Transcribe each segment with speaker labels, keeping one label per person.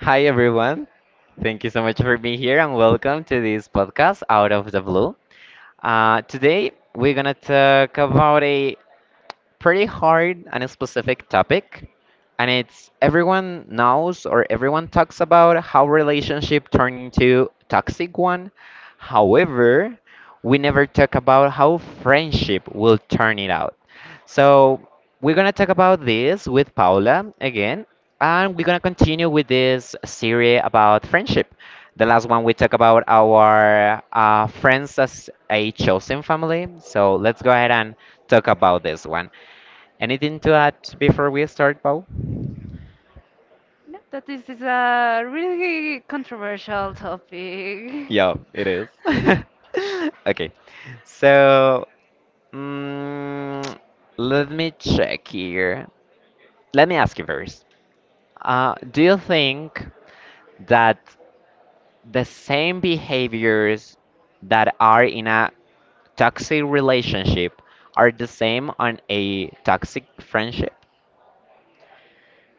Speaker 1: Hi, everyone. Thank you so much for being here and welcome to this podcast, Out of the Blue. Today, we're going to talk about a pretty hard and a specific topic. And it's everyone knows or everyone talks about how relationship turn into toxic one. However, we never talk about how friendship will turn it out. So we're gonna talk about this with Paula again, and we're gonna continue with this series about friendship. The last one we talked about our friends as a chosen family. So let's go ahead and talk about this one. Anything to add before we start, Paul?
Speaker 2: No, that this is a really controversial topic.
Speaker 1: Yeah, it is. Okay, so mm, let me check here. Let me ask you first. Do you think that the same behaviors that are in a toxic relationship are the same on a toxic friendship?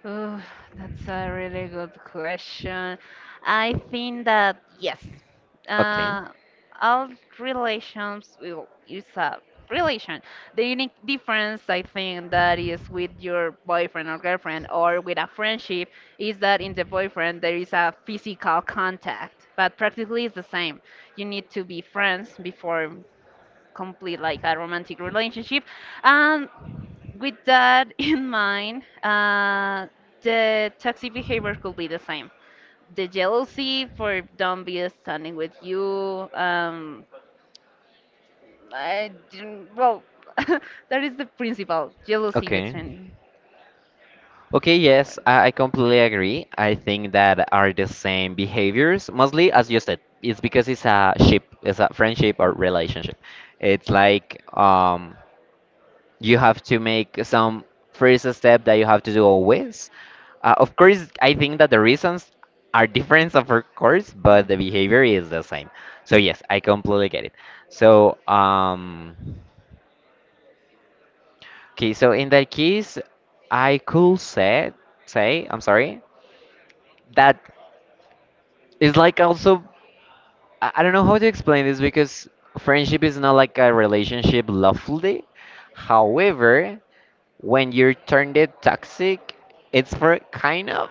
Speaker 2: Ooh, that's a really good question. I think that yes,
Speaker 1: Okay.
Speaker 2: uh, all relations will is a relation. The unique difference I think that is with your boyfriend or girlfriend or with a friendship is that in the boyfriend there is a physical contact, but practically it's the same. You need to be friends before complete like a romantic relationship. And with that in mind, the toxic behavior could be the same. The jealousy for don't be standing with you. I didn't, well, that is the principal jealousy
Speaker 1: Okay.
Speaker 2: between
Speaker 1: Okay,
Speaker 2: your
Speaker 1: yes,
Speaker 2: friends.
Speaker 1: I completely agree. I think that are the same behaviors, mostly as you said. It's because it's a ship, it's a friendship or
Speaker 2: Mhm.
Speaker 1: relationship. It's like you have to make some first step that you have to do always. Of course, I think that the reasons are different, of course, but the behavior is the same. So yes, I completely get it. So okay, so in that case, I could say I'm sorry that it's like also I don't know how to explain this because friendship is not like a relationship lovely. However, when you're turned it toxic, it's for kind of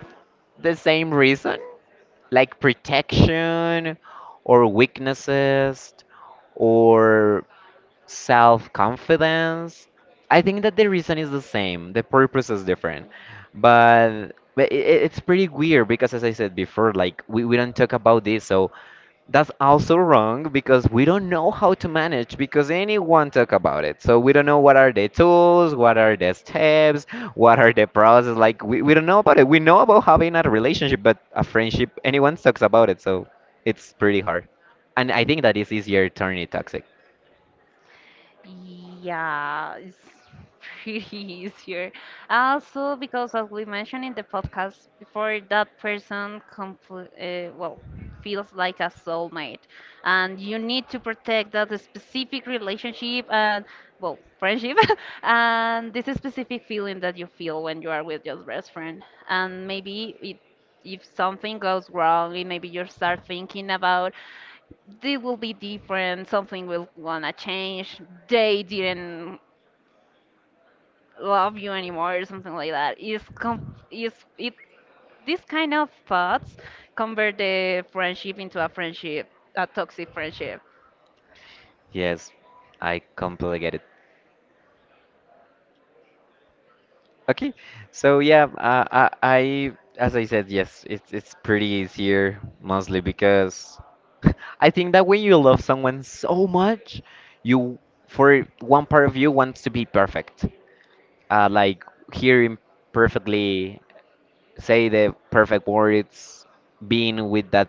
Speaker 1: the same reason, like protection or weaknesses or self-confidence. I think that the reason is the same, the purpose is different.
Speaker 2: Hmm. Hmm.
Speaker 1: But it's pretty weird because as I said before, like we don't talk about this, so that's also wrong because we don't know how to manage because anyone talk about it. So we don't know what are the tools, what are the steps, what are the process. Like we don't know about it. We know about having a relationship, but a friendship, anyone talks about it. So it's pretty hard. And I think that it's easier turning it toxic.
Speaker 2: Yeah, it's pretty easier. Also, because as we mentioned in the podcast before, that person compl well feels like a soulmate, and you need to protect that specific relationship and well friendship, and this specific feeling that you feel when you are with your best friend. And maybe if something goes wrong, and maybe you start thinking about they will be different, something will wanna change, they didn't love you anymore, or something like that. It's com- it's it these kind of thoughts convert the friendship into a friendship, a toxic friendship.
Speaker 1: Yes, I completely get it. Okay, so yeah, I as I said, yes, it's pretty easier mostly because I think that when you love someone so much, you for one part of you wants to be perfect, like hearing perfectly, say the perfect words, being with that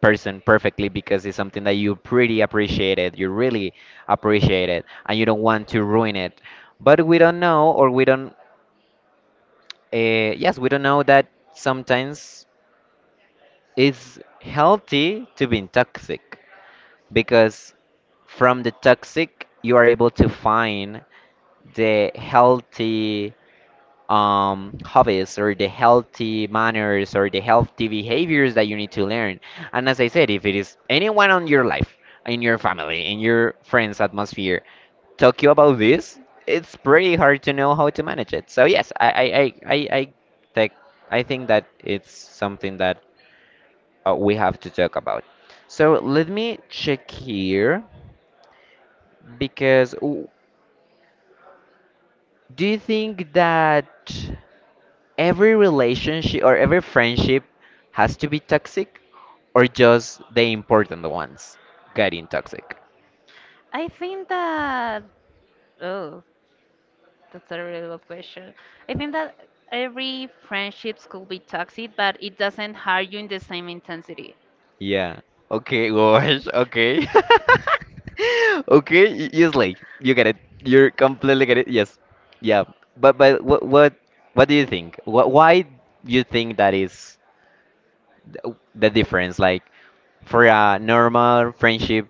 Speaker 1: person perfectly because it's something that you pretty appreciate it, you really appreciate it, and you don't want to ruin it. But we don't know, or we don't yes, we don't know that sometimes it's healthy to be toxic because from the toxic you are able to find the healthy hobbies or the healthy manners or the healthy behaviors that you need to learn. And as I said, if it is anyone on your life, in your family, in your friends' atmosphere talk you about this, it's pretty hard to know how to manage it. So yes, I think I think that it's something that we have to talk about. So let me check here because do you think that every relationship or every friendship has to be toxic or just the important ones getting toxic?
Speaker 2: I think that oh, that's a really good question. I think that every friendships could be toxic, but it doesn't hurt you in the same intensity.
Speaker 1: Yeah. Okay, gosh, okay. Okay, yes, like you get it. You're completely get it. Yes. Yeah. But what do you think? What why you think that is the difference? Like for a normal friendship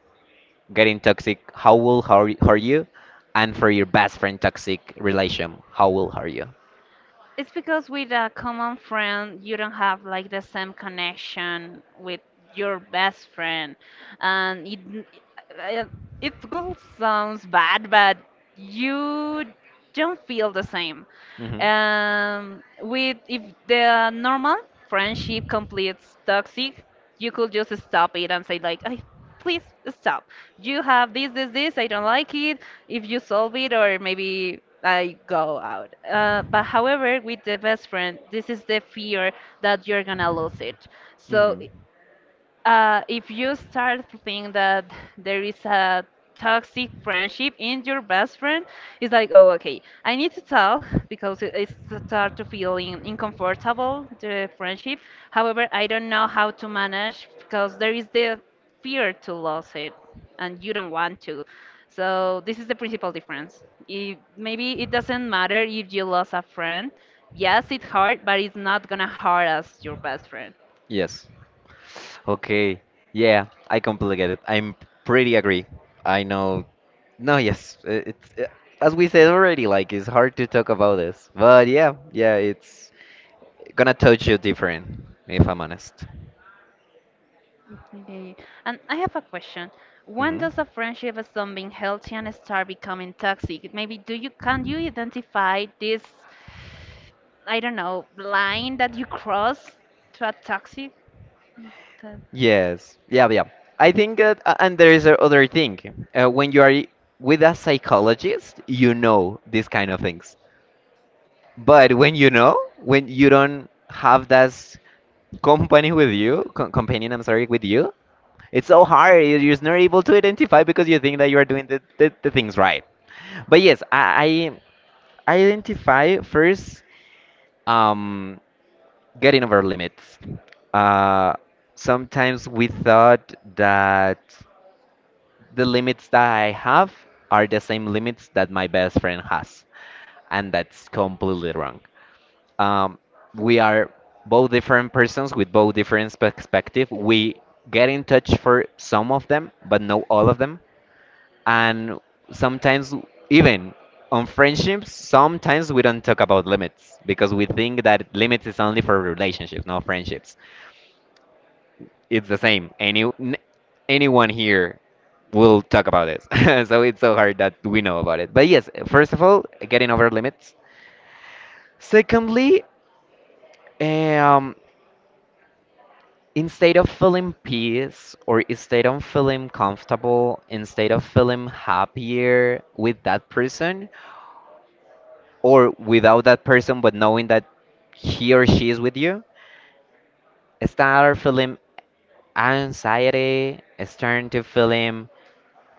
Speaker 1: getting toxic, how will hurt you? And for your best friend toxic relation, how will hurt you?
Speaker 2: It's because with a common friend, you don't have like the same connection with your best friend, and it, it all sounds bad, but you don't feel the same.
Speaker 1: Hmm, hmm.
Speaker 2: With If the normal friendship completes toxic, you could just stop it and say like, "Ay, please stop, you have this, this, this, I don't like it. If you solve it, or maybe I go out. But however, with the best friend, this is the fear that you're gonna lose it. So if you start to think that there is a toxic friendship in your best friend, it's like, oh, okay, I need to tell because it's start to feeling uncomfortable the friendship. However, I don't know how to manage because there is the fear to lose it, and you don't want to. So this is the principal difference. If, Maybe it doesn't matter if you lost a friend. Yes, it hurt, but it's not gonna hurt as your best friend.
Speaker 1: Yes. Okay. Yeah, I completely get it. I'm pretty agree. I know. No, yes, it's as we said already. Like, it's hard to talk about this, but yeah, yeah, it's gonna touch you different, if I'm honest.
Speaker 2: Okay. And I have a question. When
Speaker 1: Hmm.
Speaker 2: does a friendship stop being healthy and start becoming toxic? Maybe do you can you identify this, I don't know, line that you cross to a toxic? to-
Speaker 1: Yes. Yeah, yeah. I think that, and there is a other thing. When you are with a psychologist, you know these kind of things. But when you know, when you don't have that company with you, co companion, I'm sorry, with you, it's so hard. You're just not able to identify because you think that you are doing the things right. But yes, I identify first. Um, getting over limits. Uh, sometimes we thought that the limits that I have are the same limits that my best friend has, and that's completely wrong. Um, we are both different persons with both different perspective. We get in touch for some of them, but not all of them. And sometimes, even on friendships, sometimes we don't talk about limits because we think that limits is only for relationships, not friendships. It's the same. Any anyone here will talk about this. So it's so hard that we know about it. But yes, first of all, getting over limits. Secondly, um, instead of feeling peace or instead of feeling comfortable, instead of feeling happier with that person or without that person, but knowing that he or she is with you, start feeling anxiety, start to feeling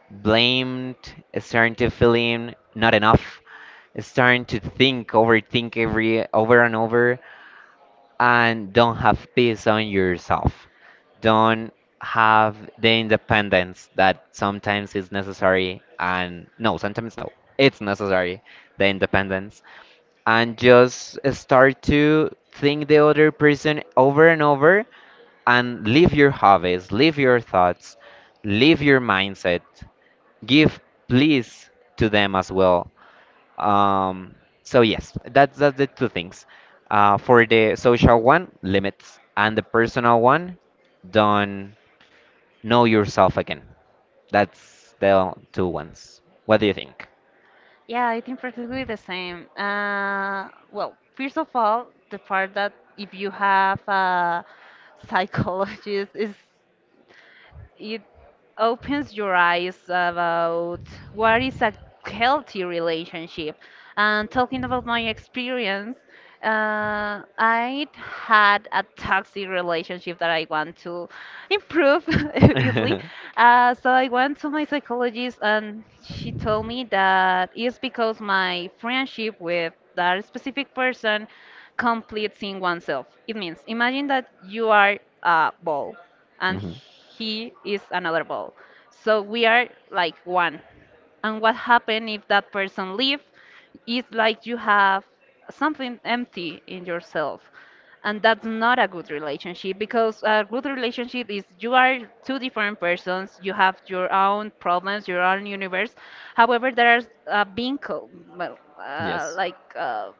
Speaker 1: blamed, starting to feeling not enough, starting to think, overthink every over and over, and don't have peace on yourself. Don't have the independence that sometimes is necessary, and no, sometimes no, it's necessary, the independence, and just start to think the other person over and over and leave your hobbies, leave your thoughts, leave your mindset, give please to them as well. Um, so yes, that's the two things. For the social one, limits, and the personal one, don't know yourself again. That's the two ones. What do you think?
Speaker 2: Yeah, I think practically the same. Well, first of all, the part that if you have a psychologist is it opens your eyes about what is a healthy relationship. And talking about my experience, I had a toxic relationship that I want to improve, obviously. So I went to my psychologist, and she told me that it's because my friendship with that specific person completes in oneself. It means imagine that you are a ball and
Speaker 1: Mhm.
Speaker 2: he is another ball. So we are like one. And what happens if that person leaves? It's like you have something empty in yourself. And that's not a good relationship because a good relationship is you are two different persons, you have your own problems, your own universe. However, there's a being, well,
Speaker 1: Yes.
Speaker 2: like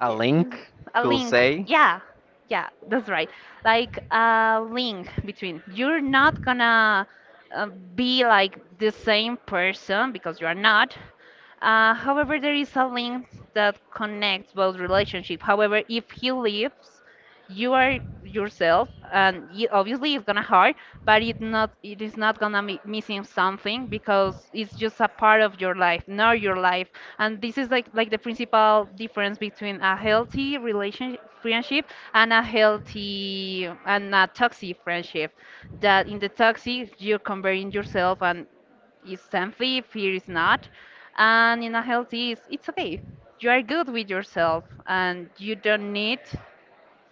Speaker 1: A link
Speaker 2: a
Speaker 1: could
Speaker 2: link.
Speaker 1: say.
Speaker 2: Yeah, yeah, that's right. Like a link between you're not gonna uh, be like the same person because you are not. However, there is a link that connects both relationship. However, if he leaves, you are yourself and y obviously it's gonna hurt, but it is not gonna be missing something because it's just a part of your life, not your life. And this is like the principal difference between a healthy relationship friendship and a healthy and a toxic friendship. That in the toxic you're comparing yourself and is something fear is not, and in a healthy it's okay, you are good with yourself and you don't need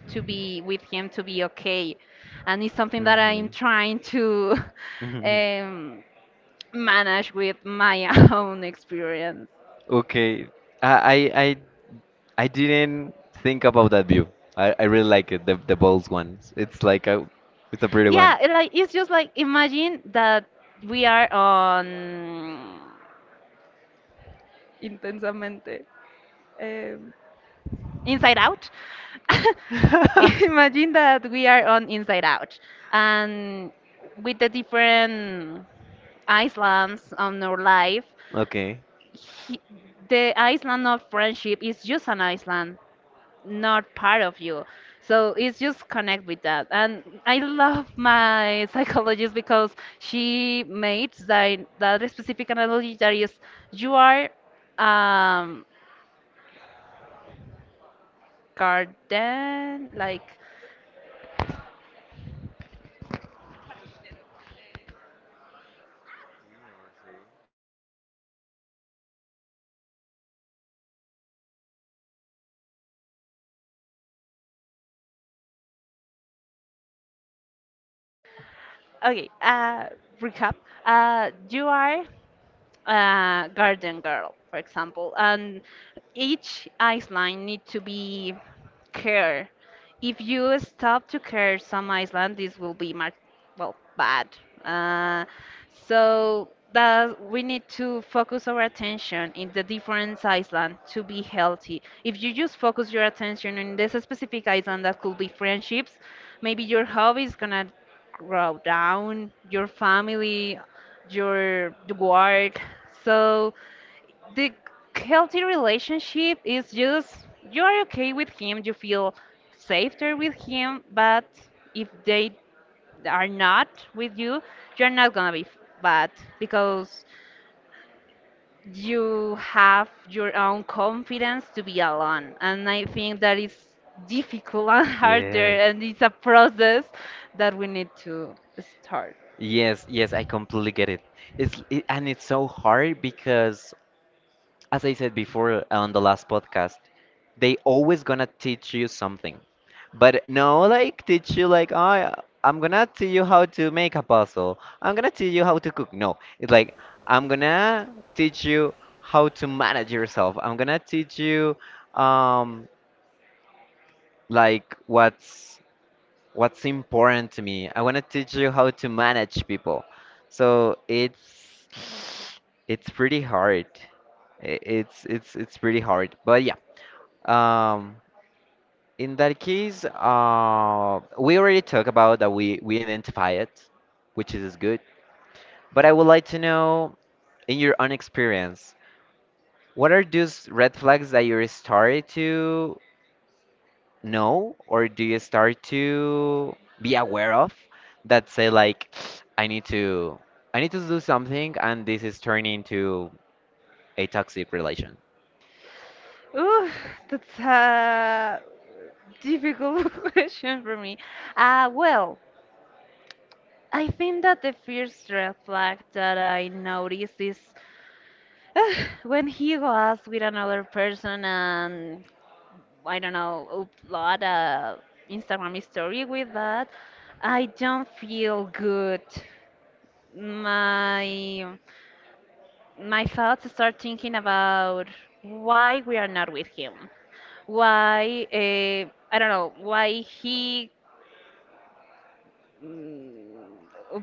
Speaker 2: to be with him to be okay. And it's something that I'm trying to um, manage with my own experience.
Speaker 1: Okay. I I I I didn't think about that view. I really like it, the bold ones. It's like a it's a pretty one.
Speaker 2: Yeah, it's just like imagine that we are on intensamente, um, inside out. Imagine that we are on inside out and with the different islands on our life.
Speaker 1: Okay.
Speaker 2: he, the island of friendship is just an island, not part of you. So it's just connect with that. And I love my psychologist because she made that specific analogy. That is you are um garden. Like okay, recap, you are garden girl, for example, and each island need to be care. If you stop to care some island, this will be well bad. Uh, so that we need to focus our attention in the different island to be healthy. If you just focus your attention in this specific island, that could be friendships. Maybe your hobby is gonna grow down. Your family, your work. So the healthy relationship is just you are okay with him, you feel safer with him, but if they are not with you, you're not gonna be bad because you have your own confidence to be alone. And I think that is difficult and harder,
Speaker 1: Yes.
Speaker 2: and it's a process that we need to start.
Speaker 1: Yes, yes, I completely get it. It, and it's so hard because as I said before on the last podcast, they always gonna teach you something. But no, like teach you like I'm gonna teach you how to make a puzzle. I'm gonna teach you how to cook. No, it's like I'm gonna teach you how to manage yourself. I'm gonna teach you um like what's important to me. I want to teach you how to manage people. So it's pretty hard. It's pretty hard. But yeah. Um, in that case, we already talked about that we identify it, which is good. But I would like to know in your own experience, what are those red flags that you're started to know or do you start to be aware of that say like I need to I need to do something and this is turning into a toxic relation.
Speaker 2: Ooh, that's a difficult question for me. Well, I think that the first red flag that I noticed is uh, when he was with another person and I don't know, upload a Instagram story with that. I don't feel good. My my thoughts start thinking about why we are not with him. Why I don't know why he mm,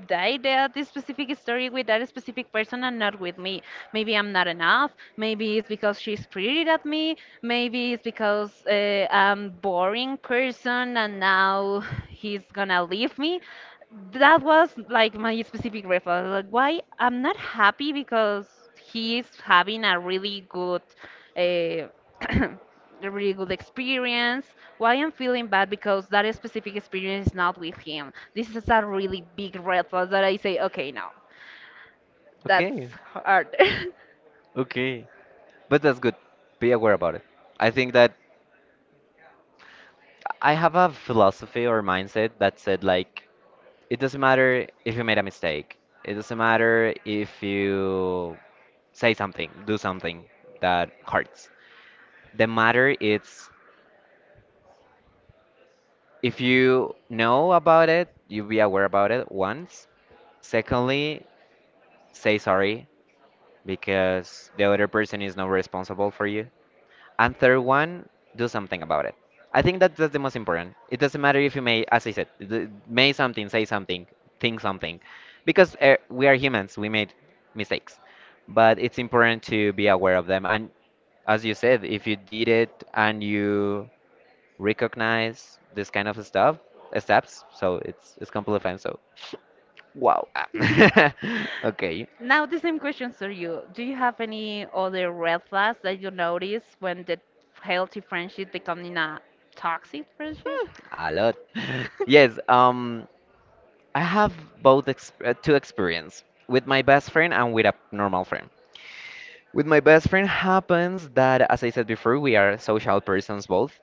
Speaker 2: died at this specific story with that specific person and not with me. Maybe I'm not enough. Maybe it's because she's pretty at me. Maybe it's because I'm boring person and now he's gonna leave me. That was like my specific reflex. Like, why I'm not happy because he's having a really good. Uh, a really good experience. Why I'm feeling bad because that specific experience is not with him. This is a really big red flag that I say, okay, no, that's
Speaker 1: Okay.
Speaker 2: hard.
Speaker 1: Okay. But that's good. Be aware about it. I think that I have a philosophy or mindset that said like it doesn't matter if you made a mistake. It doesn't matter if you say something, do something that hurts. The matter is if you know about it, you be aware about it once. Secondly, say sorry because the other person is not responsible for you. And third one, do something about it. I think that that's the most important. It doesn't matter if you may, as I said, may something, say something, think something, because we are humans. We made mistakes, but it's important to be aware of them. And as you said, if you did it and you recognize this kind of stuff steps so it's compliment so wow. Ah. Okay.
Speaker 2: Now the same question to you. Do you have any other red flags that you notice when the healthy friendship becoming a toxic friendship?
Speaker 1: Hmm, a lot. Yes, um, I have both two experience with my best friend and with a normal friend. With my best friend happens that as I said before we are social persons both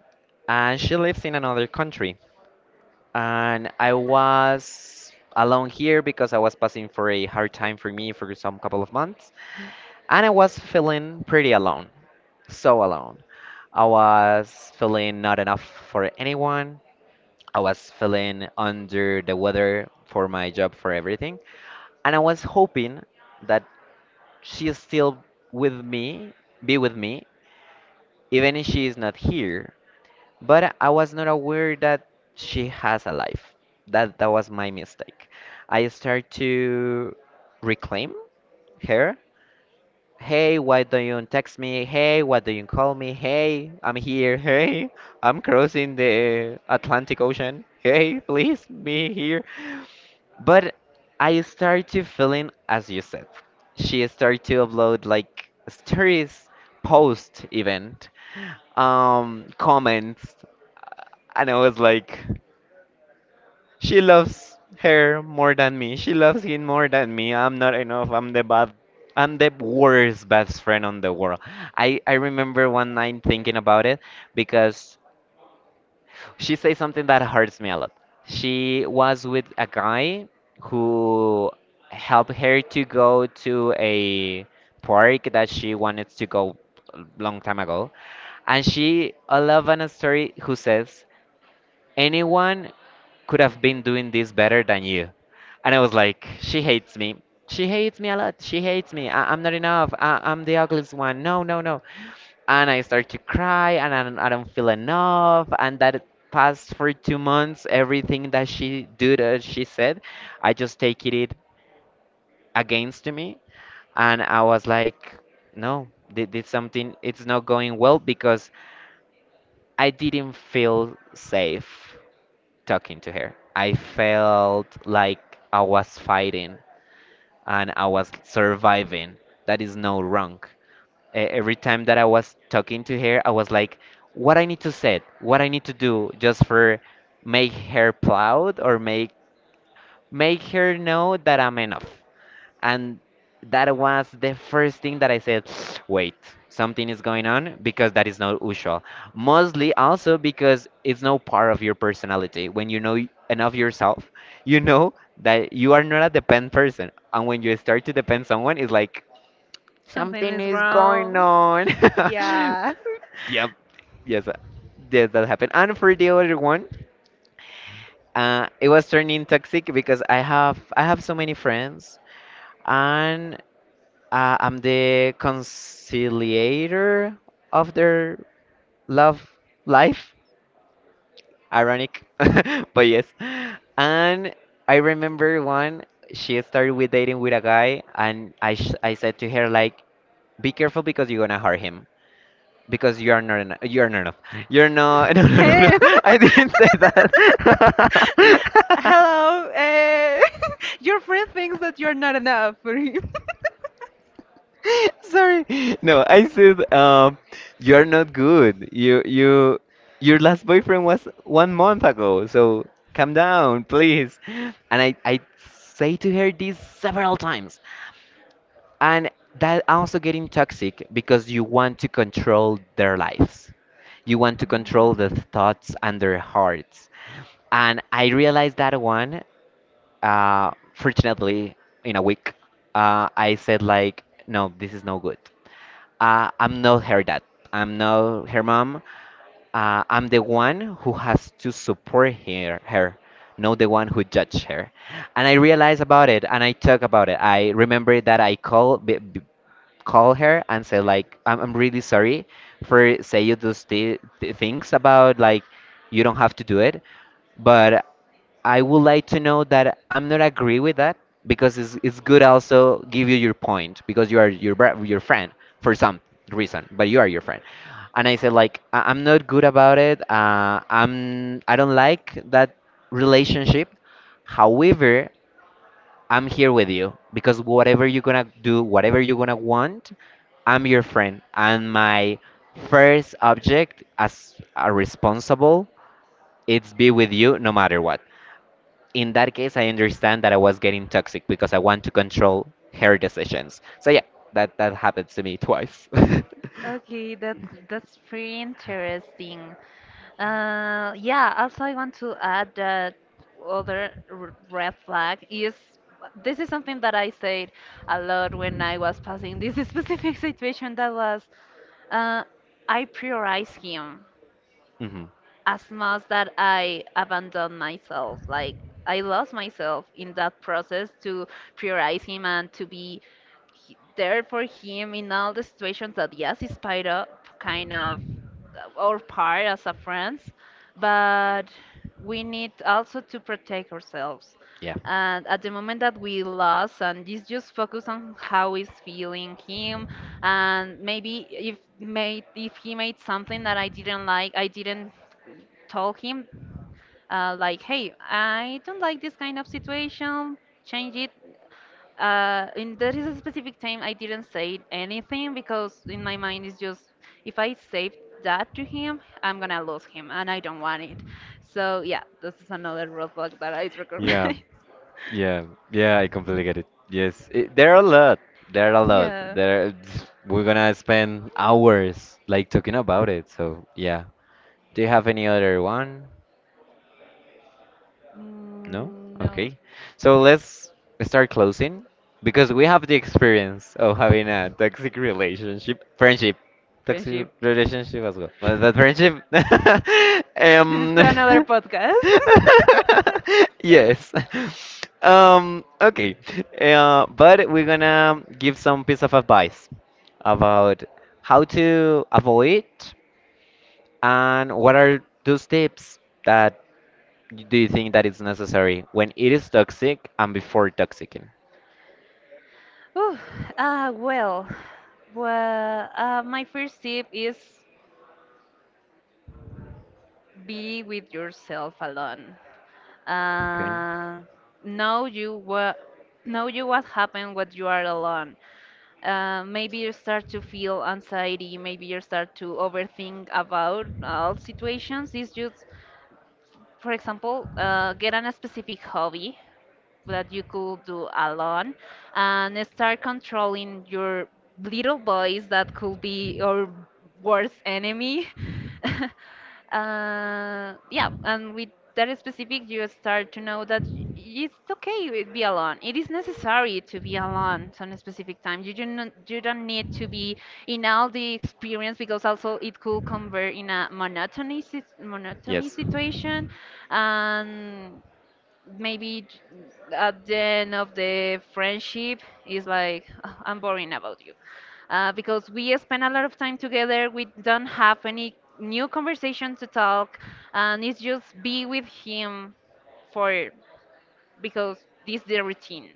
Speaker 1: and she lives in another country and I was alone here because I was passing for a hard time for me for some couple of months. And I was feeling pretty alone, so alone. I was feeling not enough for anyone. I was feeling under the weather for my job, for everything. And I was hoping that she is still with me, be with me, even if she is not here. But I was not aware that she has a life. That that was my mistake. I start to reclaim her. Hey, why don't you text me? Hey, why don't you call me? Hey, I'm here. Hey, I'm crossing the Atlantic Ocean. Hey, please be here. But I start to feeling as you said. She started to upload like stories post event, comments, and I was like, she loves her more than me. She loves him more than me. I'm not enough. I'm the bad. I'm the worst best friend on the world. I remember one night thinking about it because she said something that hurts me a lot. She was with a guy who helped her to go to a park that she wanted to go a long time ago, and she I love an story who says anyone could have been doing this better than you. And I was like, she hates me. She hates me a lot. She hates me. I'm not enough. I'm the ugliest one. No, no, no. And I start to cry and I don't feel enough. And that passed for 2 months. Everything that she did, she said, I just take it against me. And I was like, no, this something, it's not going well because I didn't feel safe talking to her. I felt like I was fighting and I was surviving. That is no wrong. Every time that I was talking to her, I was like, what I need to say, what I need to do just for make her proud or make her know that I'm enough. And that was the first thing that I said, wait, something is going on because that is not usual. Mostly also because it's no part of your personality. When you know enough yourself, you know that you are not a depend person. And when you start to depend someone, it's like
Speaker 2: Something
Speaker 1: something
Speaker 2: is
Speaker 1: is going
Speaker 2: wrong.
Speaker 1: on. Yep. Yes. Yes, that happened. And for the other one, it was turning toxic because I have so many friends and I'm the conciliator of their love life. Ironic, but yes. And I remember one, she started with dating with a guy, and I said to her like, "Be careful because you're gonna hurt him because you are not enough. You are not enough. You're not. No, no, no, no.
Speaker 2: Damn.
Speaker 1: I didn't say that.
Speaker 2: Hello, your friend thinks that you're not enough for him.
Speaker 1: Sorry. No, I said you are not good. You your last boyfriend was 1 month ago, so calm down, please. And I say to her this several times, and that also getting toxic because you want to control their lives. You want to control the thoughts and their hearts. And I realized that one, fortunately, in a week, I said like, no, this is no good. I'm not her dad. I'm not her mom. I'm the one who has to support her, not the one who judge her. And I realize about it, and I talk about it. I remember that I call b b call her and say like, I'm really sorry for say you those th th things about like you don't have to do it. But I would like to know that I'm not agree with that because it's good also give you your point because you are your your friend for some reason, but you are your friend. And I said like I'm not good about it. I'm I don't like that relationship. However, I'm here with you because whatever you're gonna do, whatever you're gonna want, I'm your friend. And my first object as a responsible, it's be with you no matter what in that case, I understand that I was getting toxic because I want to control her decisions. So yeah, that happens to me twice.
Speaker 2: Okay, that's pretty interesting. Yeah, also I want to add that other red flag is, this is something that I said a lot when I was passing this specific situation, that was uh, I prioritize him
Speaker 1: Hmm.
Speaker 2: as much that I abandoned myself. Like, I lost myself in that process to prioritize him and to be there for him in all the situations. That yes, he spied up kind of or part as a friends, but we need also to protect ourselves.
Speaker 1: Yeah.
Speaker 2: And at the moment that we lost, and this just focus on how is feeling him, and maybe if he made something that I didn't like, I didn't told him like, hey, I don't like this kind of situation, change it. And there is a specific time I didn't say anything because in my mind it's just if I say that to him, I'm gonna lose him, and I don't want it. So yeah, this is another roadblock that I
Speaker 1: Yeah,
Speaker 2: recognize.
Speaker 1: yeah, yeah, I completely get it. Yes, it, there are a lot. There are a lot.
Speaker 2: Yeah.
Speaker 1: There, we're gonna spend hours like talking about it. So yeah. Do you have any other one? No?
Speaker 2: Mm, no
Speaker 1: Okay. So let's start closing because we have the experience of having a toxic relationship, friendship, toxic
Speaker 2: friendship.
Speaker 1: relationship as well. But friendship,
Speaker 2: This is
Speaker 1: um,
Speaker 2: to another podcast.
Speaker 1: yes. Okay. But we're gonna give some piece of advice about how to avoid and what are those tips that do you think that it's necessary when it is toxic and before toxicing?
Speaker 2: Ooh, uh, well, well, my first tip is be with yourself alone.
Speaker 1: Okay.
Speaker 2: Uh, know you what know you what happened when you are alone. Maybe you start to feel anxiety. Maybe you start to overthink about all situations. It's just, for example, get on a specific hobby that you could do alone and start controlling your little boys that could be your worst enemy. Yeah, and with that specific, you start to know that it's okay to be alone. It is necessary to be alone some specific time. You do not, you don't need to be in all the experience because also it could convert in a monotony monotony
Speaker 1: Yes.
Speaker 2: situation, and maybe at the end of the friendship is like, "Ah, I'm boring about you, because we spend a lot of time together. We don't have any new conversation to talk, and it's just be with him for because this is their routine.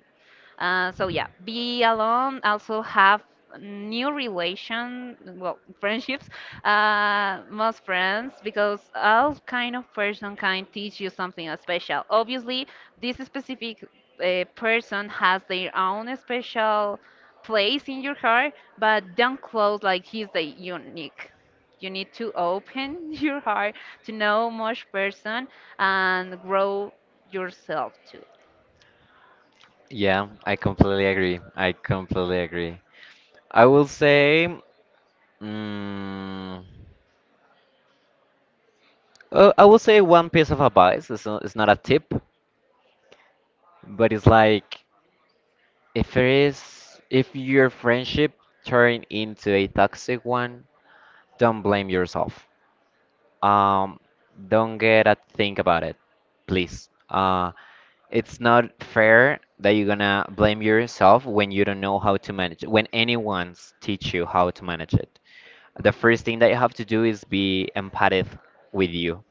Speaker 2: So yeah, be alone. Also have new relation, well, friendships, most friends, because all kind of person can teach you something special. Obviously, this specific person has their own special place in your heart, but don't close like he's the unique. You need to open your heart to know much person and grow yourself too.
Speaker 1: Yeah, I completely agree. I completely agree. I will say, mm, I will say one piece of advice. It's not a tip, but it's like if it is, if your friendship turn into a toxic one, don't blame yourself. Um, don't get a think about it, please. It's not fair that you're gonna blame yourself when you don't know how to manage it, when anyone's teach you how to manage it. The first thing that you have to do is be empathic with you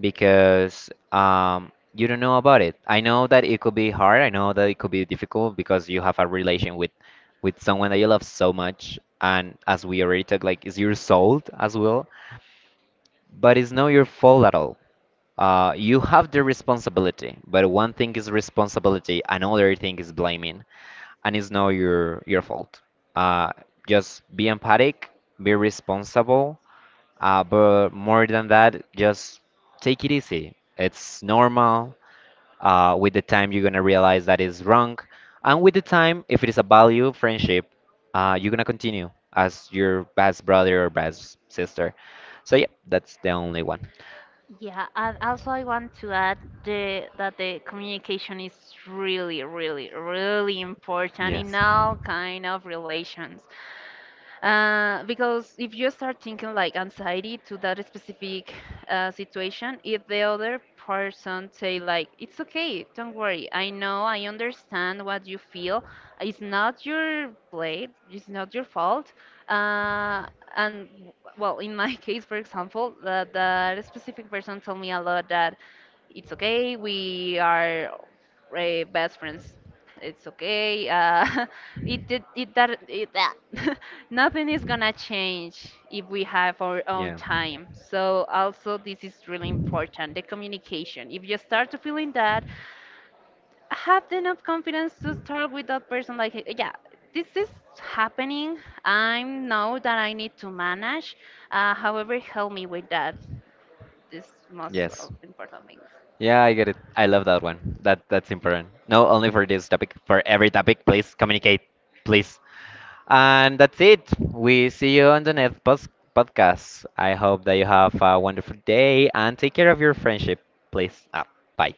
Speaker 1: because you don't know about it. I know that it could be hard. I know that it could be difficult because you have a relation with someone that you love so much, and as we already talked, like it's your soul as well. But it's not your fault at all. You have the responsibility, but one thing is responsibility, another thing is blaming, and it's not your fault. Uh, just be empathic, be responsible, but more than that, just take it easy. It's normal. With the time, you're gonna realize that is wrong, and with the time, if it is a value friendship, you're gonna continue as your best brother or best sister. So yeah, that's the only one.
Speaker 2: Yeah, and also I want to add the that the communication is really, really, really important in
Speaker 1: Yes.
Speaker 2: all kind of relations. Because if you start thinking like anxiety to that specific situation, if the other person say like, "It's okay, don't worry. I know, I understand what you feel. It's not your blame. It's not your fault." Uh, and well, in my case, for example, that specific person told me a lot that it's okay. We are best friends, it's okay. It did it that nothing is gonna change if we have our own
Speaker 1: Yeah.
Speaker 2: time. So also this is really important, the communication. If you start to feeling that, have enough confidence to start with that person. Like, "Hey, yeah, this is happening. I know that I need to manage. However, help me with that. This most
Speaker 1: Yes.
Speaker 2: of important things.
Speaker 1: Yeah, I get it. I love that one. That's important. No, only for this topic. For every topic, please communicate. Please. And that's it. We see you on the next podcast. I hope that you have a wonderful day and take care of your friendship, please. Ah, bye.